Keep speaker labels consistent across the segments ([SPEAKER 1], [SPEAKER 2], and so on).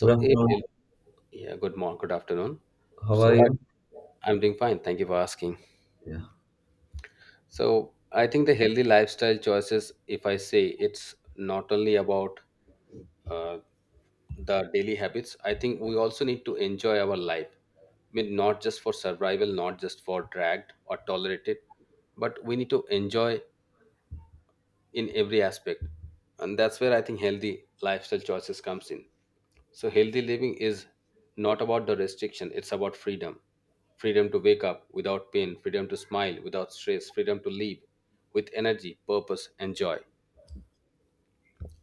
[SPEAKER 1] Good afternoon.
[SPEAKER 2] Ariel, yeah, good morning, good afternoon.
[SPEAKER 1] How are
[SPEAKER 2] So, I,
[SPEAKER 1] you?
[SPEAKER 2] I'm doing fine. Thank you for asking.
[SPEAKER 1] Yeah.
[SPEAKER 2] So, I think the healthy lifestyle choices, if I say it's not only about uh, the daily habits, I think we also need to enjoy our life. I mean, not just for survival, not just for dragged or tolerated, but we need to enjoy in every aspect, and that's where I think healthy lifestyle choices comes in. So healthy living is not about the restriction, it's about freedom. Freedom to wake up without pain, freedom to smile without stress, freedom to live with energy, purpose, and joy.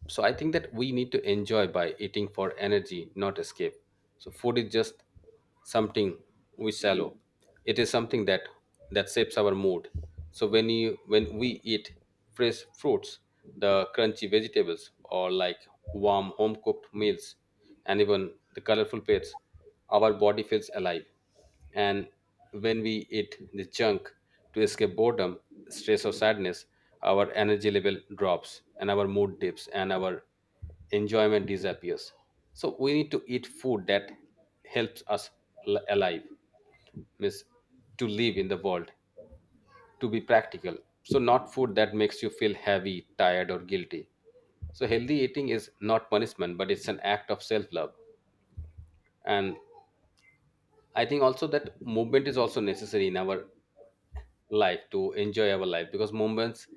[SPEAKER 2] So I think that we need to enjoy by eating for energy, not escape. So food is just something we shallow, it is something that shapes our mood. So when we eat fresh fruits, the crunchy vegetables, or like warm home cooked meals, and even the colorful plates, our body feels alive. And when we eat the junk to escape boredom, stress, or sadness, our energy level drops and our mood dips and our enjoyment disappears. So we need to eat food that helps us alive, means to live in the world, to be practical. So not food that makes you feel heavy, tired, or guilty. So healthy eating is not punishment, but it's an act of self-love. And I think also that movement is also necessary in our life to enjoy our life, because moments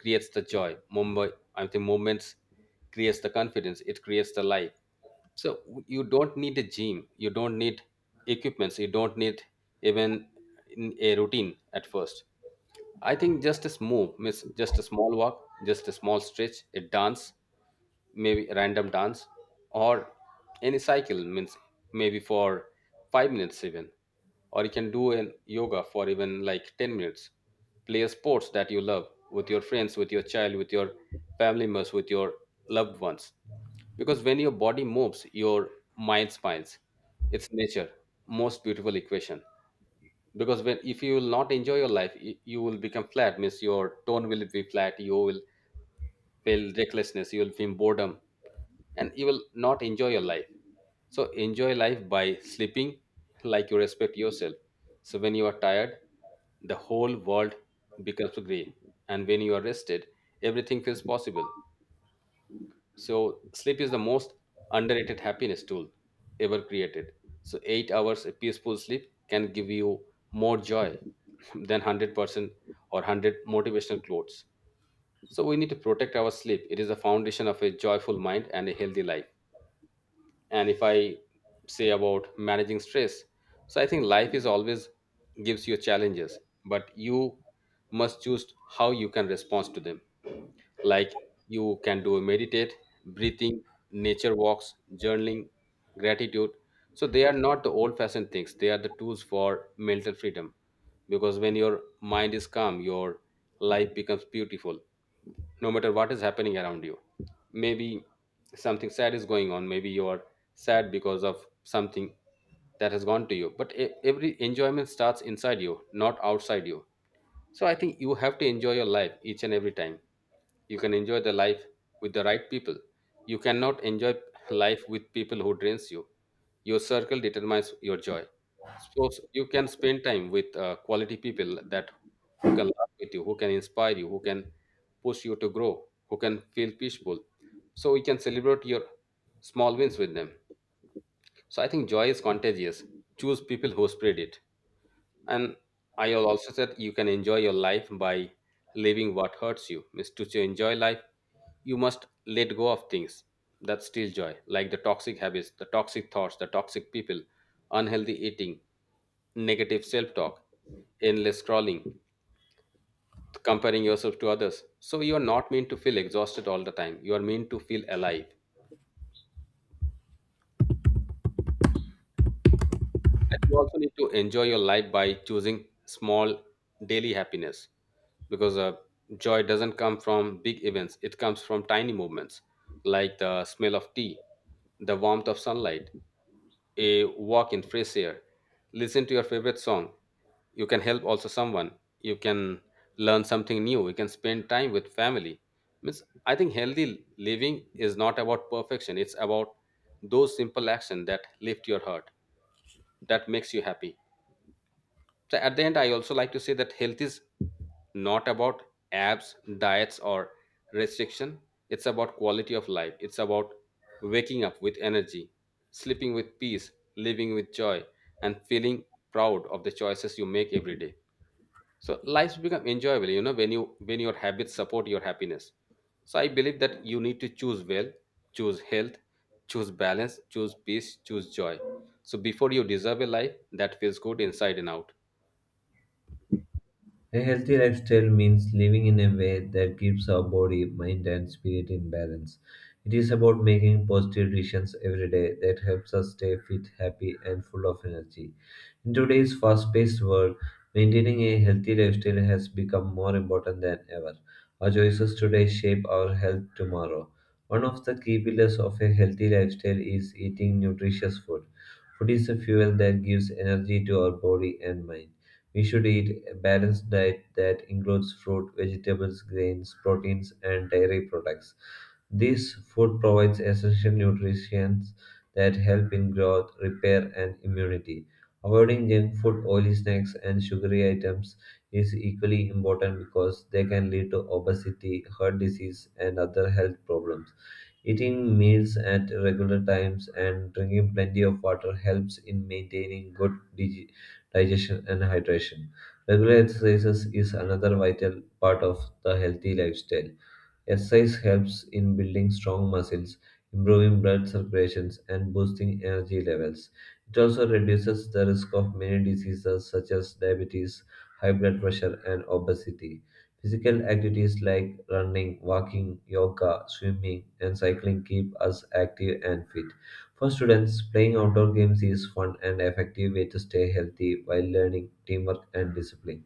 [SPEAKER 2] creates the joy. Mumbai, I think moments creates the confidence, it creates the life. So you don't need a gym, you don't need equipments, you don't need even a routine at first. I think just a move miss, just a small walk, just a small stretch, a dance, maybe a random dance, or any cycle, means maybe for 5 minutes even, or you can do an yoga for even like 10 minutes. Play a sports that you love with your friends, with your child, with your family members, with your loved ones. Because when your body moves, your mind smiles. It's nature most beautiful equation. Because when, if you will not enjoy your life, you will become flat, means your tone will be flat, you will feel recklessness, you will feel boredom, and you will not enjoy your life. So enjoy life by sleeping like you respect yourself. So when you are tired, the whole world becomes grey, and when you are rested, everything feels possible. So sleep is the most underrated happiness tool ever created. So 8 hours of peaceful sleep can give you more joy than 100% or 100 motivational quotes. So we need to protect our sleep, it is the foundation of a joyful mind and a healthy life. And if I say about managing stress, so I think life is always gives you challenges, but you must choose how you can respond to them. Like, you can do meditate, breathing, nature walks, journaling, gratitude. So they are not the old fashioned things, they are the tools for mental freedom. Because when your mind is calm, your life becomes beautiful, no matter what is happening around you. Maybe something sad is going on, maybe you are sad because of something that has gone to you, but every enjoyment starts inside you, not outside you. So I think you have to enjoy your life each and every time. You can enjoy the life with the right people, you cannot enjoy life with people who drains you. Your circle determines your joy. So you can spend time with quality people that, who can laugh with you, who can inspire you, who can push you to grow, who can feel peaceful. So you can celebrate your small wins with them. So I think joy is contagious, choose people who spread it. And I'll also said you can enjoy your life by living what hurts you. Means to enjoy life, you must let go of things that steal joy, like the toxic habits, the toxic thoughts, the toxic people, unhealthy eating, negative self-talk, endless scrolling, comparing yourself to others. So you are not meant to feel exhausted all the time. You are meant to feel alive. And you also need to enjoy your life by choosing small daily happiness, because joy doesn't come from big events, it comes from tiny movements, like the smell of tea, the warmth of sunlight, a walk in fresh air, listen to your favorite song. You can help also someone, you can learn something new, you can spend time with family. Means I think healthy living is not about perfection, it's about those simple actions that lift your heart, that makes you happy. So at the end, I also like to say that health is not about abs, diets, or restriction. It's about quality of life. It's about waking up with energy, sleeping with peace, living with joy, and feeling proud of the choices you make every day. So lives become enjoyable, you know, when your habits support your happiness. So I believe that you need to choose well, choose health, choose balance, choose peace, choose joy. So before you deserve a life that feels good inside and out.
[SPEAKER 1] A healthy lifestyle means living in a way that keeps our body, mind, and spirit in balance. It is about making positive decisions every day that helps us stay fit, happy, and full of energy. In today's fast paced world, maintaining a healthy lifestyle has become more important than ever. Our choices today shape our health tomorrow. One of the key pillars of a healthy lifestyle is eating nutritious food. Food is a fuel that gives energy to our body and mind. We should eat a balanced diet that includes fruit, vegetables, grains, proteins, and dairy products. This food provides essential nutrients that help in growth, repair, and immunity. Avoiding junk food, oily snacks, and sugary items is equally important because they can lead to obesity, heart disease, and other health problems. Eating meals at regular times and drinking plenty of water helps in maintaining good digestion and hydration. Regular exercises is another vital part of the healthy lifestyle. Exercise helps in building strong muscles, improving blood circulation, and boosting energy levels. It also reduces the risk of many diseases such as diabetes, high blood pressure, and obesity. Physical activities like running, walking, yoga, swimming, and cycling keep us active and fit. For students, playing outdoor games is fun and effective way to stay healthy while learning teamwork and discipline.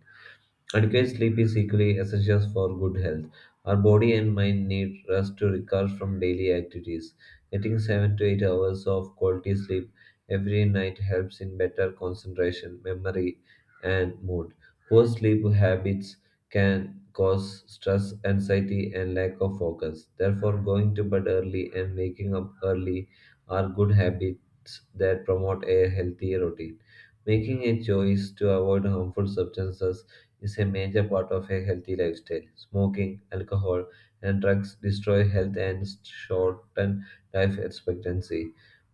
[SPEAKER 1] Adequate sleep is equally essential for good health. Our body and mind need rest to recover from daily activities. Getting 7 to 8 hours of quality sleep every night helps in better concentration, memory, and mood. Poor sleep habits can cause stress, anxiety, and lack of focus. Therefore, going to bed early and waking up early are good habits that promote a healthy routine. Making a choice to avoid harmful substances is a major part of a healthy lifestyle. Smoking, alcohol, and drugs destroy health and shorten life expectancy.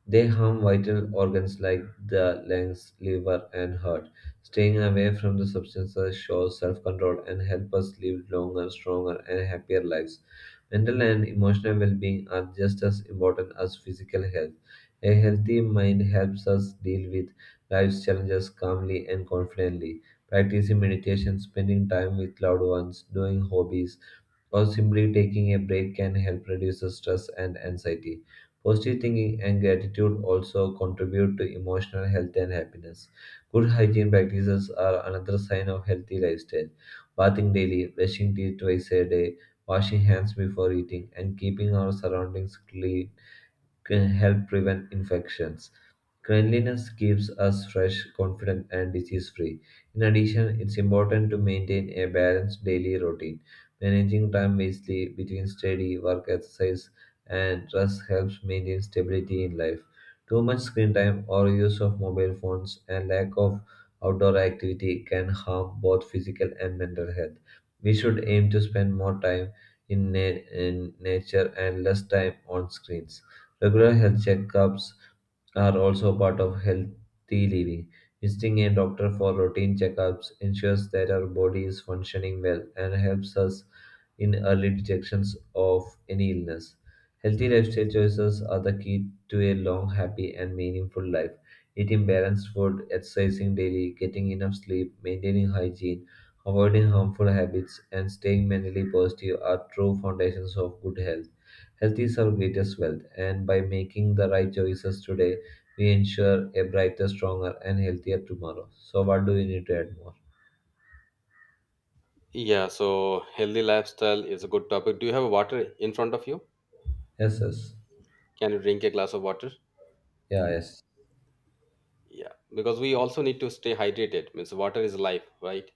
[SPEAKER 1] They harm vital organs like the lungs, liver, and heart. Staying away from the substances shows self control and help us live longer, stronger, and happier lives. Mental and emotional well being are just as important as physical health. A healthy mind helps us deal with life's challenges calmly and confidently. Practicing meditation, spending time with loved ones, doing hobbies, or simply taking a break can help reduce the stress and anxiety. Positive thinking and gratitude also contribute to emotional health and happiness. Good hygiene practices are another sign of healthy lifestyle. Bathing daily, brushing teeth twice a day, washing hands before eating, and keeping our surroundings clean can help prevent infections. Cleanliness keeps us fresh, confident, and disease free. In addition, it's important to maintain a balanced daily routine. Managing time wisely between study, work, exercise, and rest helps maintain stability in life. Too much screen time or use of mobile phones and lack of outdoor activity can harm both physical and mental health. We should aim to spend more time in nature and less time on screens. Regular health checkups are also part of healthy living. Visiting a doctor for routine checkups ensures that our body is functioning well and helps us in early detections of any illness. Healthy lifestyle choices are the key to a long, happy, and meaningful life. Eating balanced food, exercising daily, getting enough sleep, maintaining hygiene, avoiding harmful habits, and staying mentally positive are true foundations of good health. Health is our greatest wealth, and by making the right choices today, we ensure a brighter, stronger, and healthier tomorrow. So, what do we need to add more?
[SPEAKER 2] Yeah, so healthy lifestyle is a good topic. Do you have water in front of you?
[SPEAKER 1] Yes, yes.
[SPEAKER 2] Can you drink a glass of water?
[SPEAKER 1] Yeah, yes,
[SPEAKER 2] Yeah, because we also need to stay hydrated. Means water is life, right?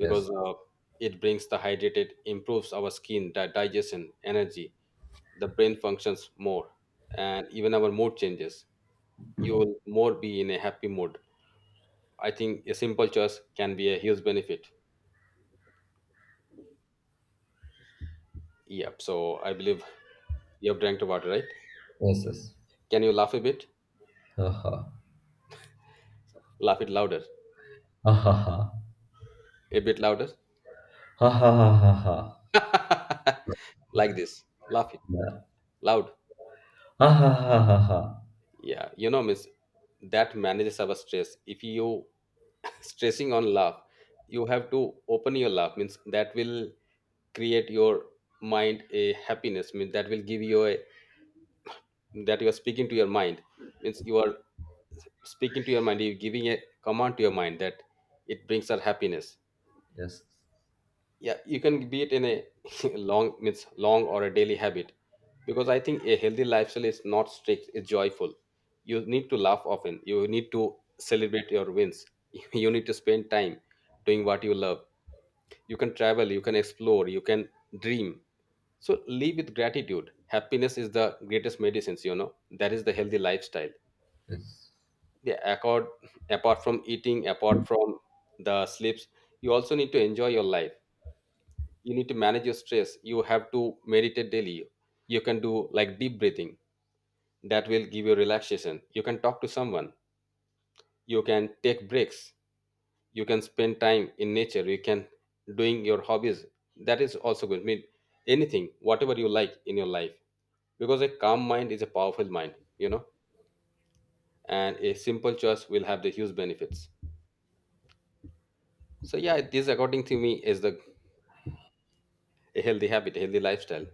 [SPEAKER 1] yes,
[SPEAKER 2] it brings the hydrated, improves our skin, digestion, energy. The brain functions more, and even our mood changes. You will more be in a happy mood. I think a simple choice can be a huge benefit. Yep. So I believe you have drank the water, right?
[SPEAKER 1] yes, yes.
[SPEAKER 2] Can you laugh a bit?
[SPEAKER 1] Ha ha.
[SPEAKER 2] Laugh it louder.
[SPEAKER 1] Ha ha ha.
[SPEAKER 2] A bit louder.
[SPEAKER 1] Ha ha ha ha ha.
[SPEAKER 2] Like this, laughing
[SPEAKER 1] Yeah.
[SPEAKER 2] loud.
[SPEAKER 1] Ha ha ha ha ha.
[SPEAKER 2] Yeah, you know miss, that manages our stress. If you stressing on love, you have to open your love, means that will create your mind a happiness, means that will give you a, that you are speaking to your mind, means you are speaking to your mind, you're giving a command to your mind that it brings her happiness.
[SPEAKER 1] Yes,
[SPEAKER 2] Yeah, you can be it in a long, means long, or a daily habit, because I think a healthy lifestyle is not strict, it's joyful. You need to laugh often, you need to celebrate your wins, you need to spend time doing what you love. You can travel, you can explore, you can dream. So live with gratitude, happiness is the greatest medicines, you know, that is the healthy lifestyle.
[SPEAKER 1] yes.
[SPEAKER 2] Yeah, accord apart from eating, apart from the sleeps, you also need to enjoy your life. You need to manage your stress, you have to meditate daily, you can do like deep breathing, that will give you relaxation. You can talk to someone, you can take breaks, you can spend time in nature, you can doing your hobbies, that is also good. I mean, anything whatever you like in your life, because a calm mind is a powerful mind, you know. And a simple choice will have the huge benefits. So yeah, this according to me is the a healthy habit, a healthy lifestyle.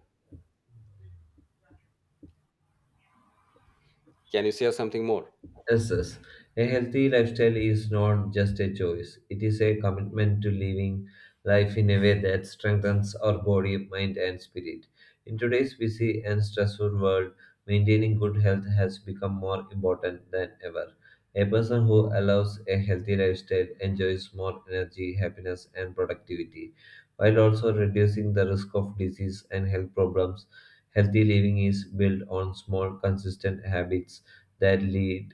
[SPEAKER 2] Can you share something more?
[SPEAKER 1] Yes, yes. A healthy lifestyle is not just a choice, it is a commitment to living life in a way that strengthens our body, mind, and spirit. In today's busy and stressful world, maintaining good health has become more important than ever. A person who allows a healthy lifestyle enjoys more energy, happiness, and productivity, while also reducing the risk of disease and health problems. Healthy living is built on small, consistent habits that lead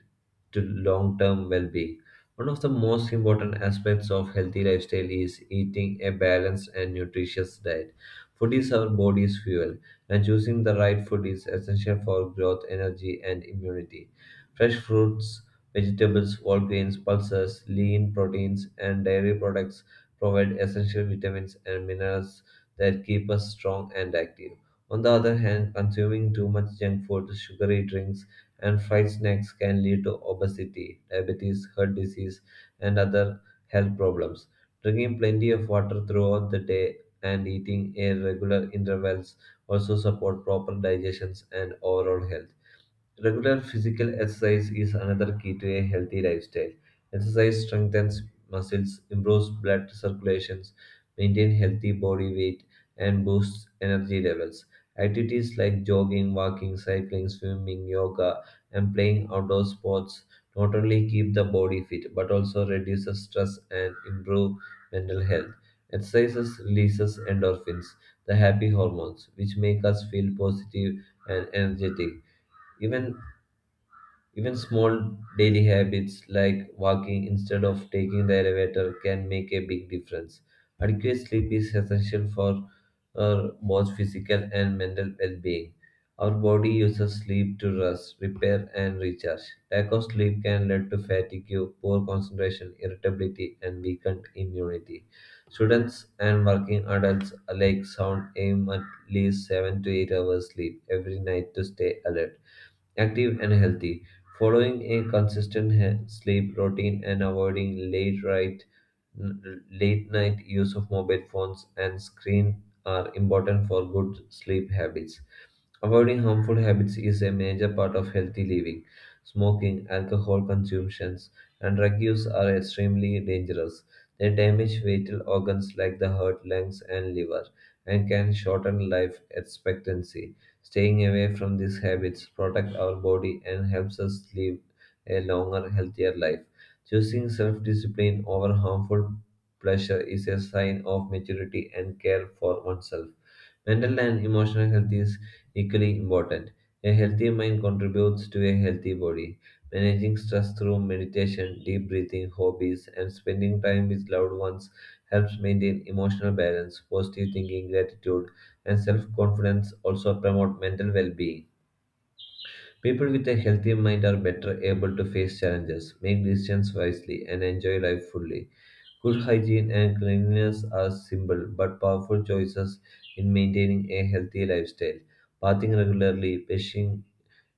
[SPEAKER 1] to long term well being. One of the most important aspects of healthy lifestyle is eating a balanced and nutritious diet. Food is our body's fuel, and choosing the right food is essential for growth, energy, and immunity. Fresh fruits, vegetables, whole grains, pulses, lean proteins, and dairy products provide essential vitamins and minerals that keep us strong and active. On the other hand, consuming too much junk food, sugary drinks, and fried snacks can lead to obesity, diabetes, heart disease, and other health problems. Drinking plenty of water throughout the day and eating at regular intervals also support proper digestions and overall health. Regular physical exercise is another key to a healthy lifestyle. Exercise strengthens muscles, improves blood circulation, maintains healthy body weight, and boosts energy levels. Activities like jogging, walking, cycling, swimming, yoga, and playing outdoor sports not only keep the body fit but also reduces stress and improve mental health. Exercises releases endorphins, the happy hormones, which make us feel positive and energetic. Even even small daily habits like walking instead of taking the elevator can make a big difference. Adequate sleep is essential for our both physical and mental well being. Our body uses sleep to rest, repair, and recharge. Lack of sleep can lead to fatigue, poor concentration, irritability, and weakened immunity. Students and working adults alike sound aim at least 7 to 8 hours sleep every night to stay alert active and healthy. Following a consistent sleep routine and avoiding late night use of mobile phones and screen are important for good sleep habits. Avoiding harmful habits is a major part of healthy living. Smoking, alcohol consumptions, and drug use are extremely dangerous. They damage vital organs like the heart, lungs, and liver, and can shorten life expectancy. Staying away from these habits protects our body and helps us live a longer, healthier life. Choosing self-discipline over harmful pleasure is a sign of maturity and care for oneself. Mental and emotional health is equally important. A healthy mind contributes to a healthy body. Managing stress through meditation, deep breathing, hobbies, and spending time with loved ones helps maintain emotional balance, positive thinking, gratitude, and self confidence also promote mental well being. People with a healthy mind are better able to face challenges, make decisions wisely, and enjoy life fully. Good hygiene and cleanliness are simple but powerful choices in maintaining a healthy lifestyle. Bathing regularly, brushing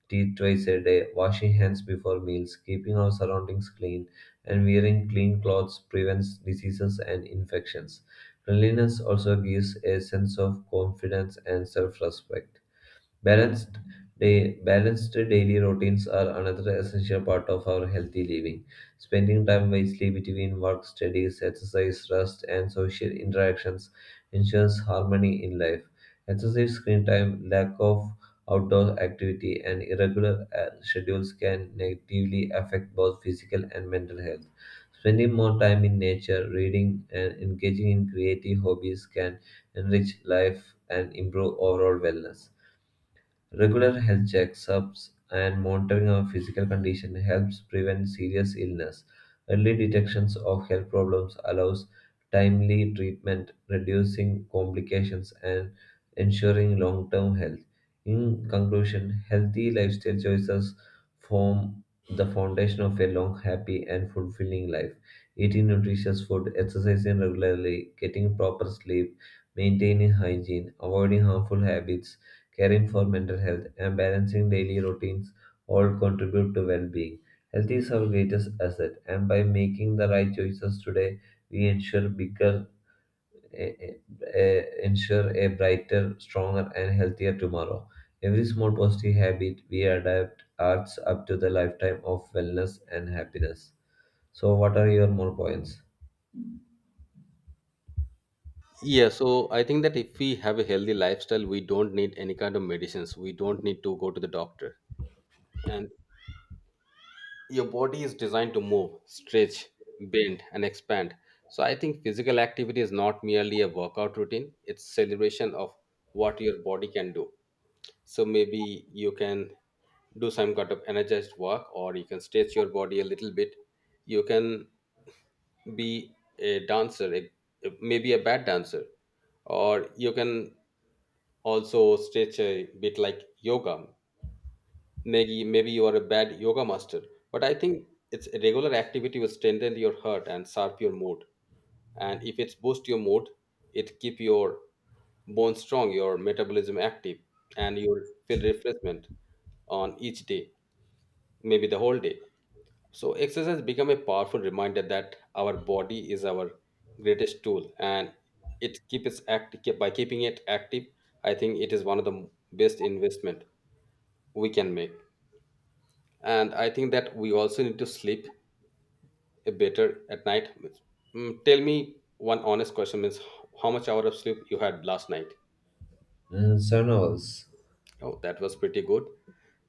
[SPEAKER 1] teeth twice a day, washing hands before meals, keeping our surroundings clean, and wearing clean clothes prevents diseases and infections. Cleanliness also gives a sense of confidence and self respect. Balanced Balanced daily routines are another essential part of our healthy living. Spending time wisely between work, studies, exercise, rest, and social interactions ensures harmony in life. Excessive screen time, lack of outdoor activity, and irregular schedules can negatively affect both physical and mental health. Spending more time in nature, reading, and engaging in creative hobbies can enrich life and improve overall wellness. Regular health checkups and monitoring of physical condition helps prevent serious illness. Early detections of health problems allows timely treatment, reducing complications and ensuring long-term health. In conclusion, healthy lifestyle choices form the foundation of a long, happy, and fulfilling life. Eating nutritious food, exercising regularly, getting proper sleep, maintaining hygiene, avoiding harmful habits, caring for mental health, and balancing daily routines all contribute to well being. Health is our greatest asset, and by making the right choices today, we ensure bigger, eh, eh, eh, ensure a brighter, stronger, and healthier tomorrow. Every small positive habit we adapt adds up to the lifetime of wellness and happiness. So, what are your more points?
[SPEAKER 2] Yeah, so I think that if we have a healthy lifestyle, we don't need any kind of medicines. We don't need to go to the doctor. And your body is designed to move, stretch, bend, and expand. So I think physical activity is not merely a workout routine, it's celebration of what your body can do. So maybe you can do some kind of energized work, or you can stretch your body a little bit. You can be a dancer, a, maybe a bad dancer, or you can also stretch a bit like yoga. Maybe you are a bad yoga master, but I think it's a regular activity will strengthen your heart and sharp your mood. And if it's boost your mood, it keep your bones strong, your metabolism active, and you'll feel refreshment on each day, maybe the whole day. So exercise become a powerful reminder that our body is our greatest tool, and it keeps active by keeping it active. I think it is one of the best investment we can make. And I think that we also need to sleep a better at night. Mm, tell me one honest question, means how much hour of sleep you had last night?
[SPEAKER 1] Mm, 7 hours.
[SPEAKER 2] Oh, that was pretty good.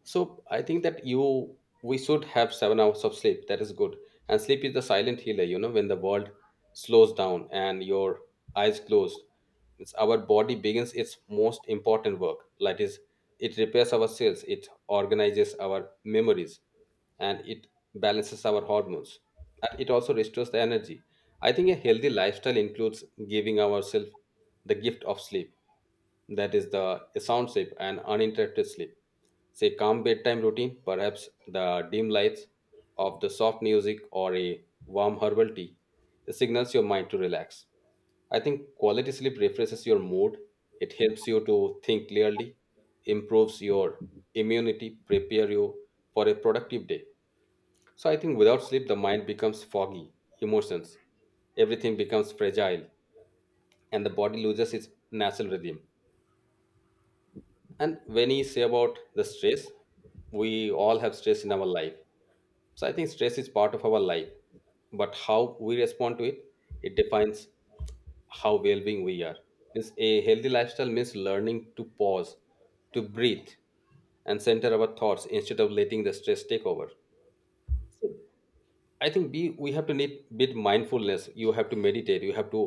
[SPEAKER 2] So I think that you we should have 7 hours of sleep. That is good. And sleep is the silent healer, you know, when the world slows down and your eyes closed. It's our body begins its most important work. That is, it repairs our cells, it organizes our memories, and it balances our hormones. And it also restores the energy. I think a healthy lifestyle includes giving ourselves the gift of sleep, that is the sound sleep and uninterrupted sleep. Say calm bedtime routine, perhaps the dim lights of the soft music or a warm herbal tea, it signals your mind to relax. I think quality sleep refreshes your mood, it helps you to think clearly, improves your immunity, prepare you for a productive day. So I think without sleep the mind becomes foggy, emotions, everything becomes fragile, and the body loses its natural rhythm. And when you say about the stress, we all have stress in our life. So I think stress is part of our life, but how we respond to it, it defines how well-being we are. Means a healthy lifestyle means learning to pause, to breathe, and center our thoughts instead of letting the stress take over. I think we have to need bit mindfulness. You have to meditate. You have to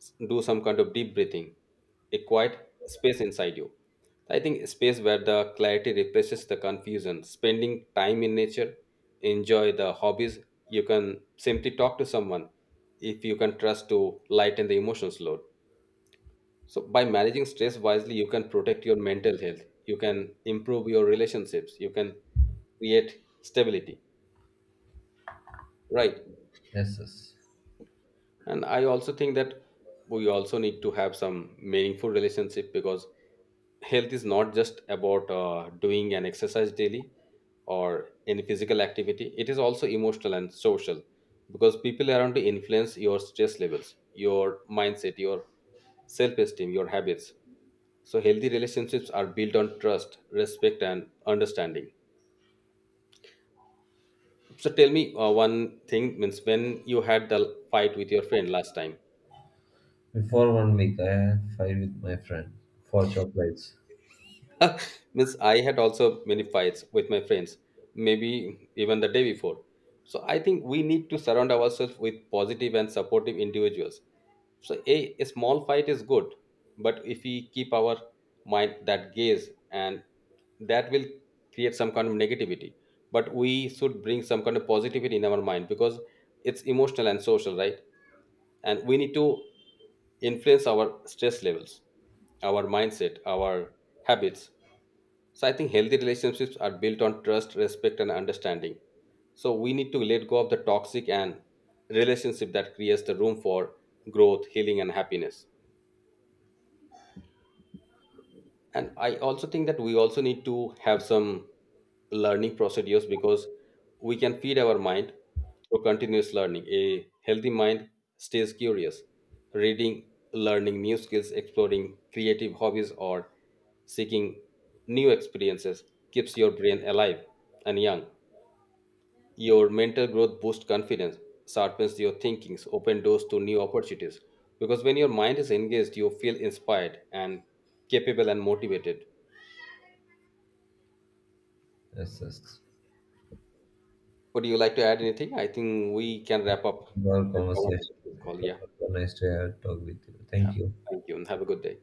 [SPEAKER 2] do some kind of deep breathing, a quiet space inside you. I think a space where the clarity replaces the confusion. Spending time in nature, enjoy the hobbies. You can simply talk to someone if you can trust to lighten the emotions load. So by managing stress wisely, you can protect your mental health. You can improve your relationships. You can create stability. Right.
[SPEAKER 1] Yes, yes.
[SPEAKER 2] And I also think that we also need to have some meaningful relationship, because health is not just about doing an exercise daily or any physical activity, it is also emotional and social. Because people around to influence your stress levels, your mindset, your self-esteem, your habits. So healthy relationships are built on trust, respect, and understanding. So tell me one thing, means when you had the fight with your friend last time.
[SPEAKER 1] Before one week, I had fight with my friend for chocolates.
[SPEAKER 2] Means I had also many fights with my friends, maybe even the day before. So I think we need to surround ourselves with positive and supportive individuals. So a small fight is good, but if we keep our mind that gaze, and that will create some kind of negativity, but we should bring some kind of positivity in our mind, because it's emotional and social, right? And we need to influence our stress levels, our mindset, our habits. So I think healthy relationships are built on trust, respect, and understanding. So we need to let go of the toxic and relationship that creates the room for growth, healing, and happiness. And I also think that we also need to have some learning procedures, because we can feed our mind through continuous learning. A healthy mind stays curious, reading, learning new skills, exploring creative hobbies, or seeking new experiences keeps your brain alive and young. Your mental growth boosts confidence, sharpens your thinkings, open doors to new opportunities. Because when your mind is engaged, you feel inspired and capable and motivated.
[SPEAKER 1] Yes, yes.
[SPEAKER 2] Would you like to add anything? I think we can wrap up.
[SPEAKER 1] Wonderful
[SPEAKER 2] This
[SPEAKER 1] conversation.
[SPEAKER 2] call. Yeah.
[SPEAKER 1] So nice to have talk with you. Thank
[SPEAKER 2] Yeah.
[SPEAKER 1] you.
[SPEAKER 2] Thank you and have a good day.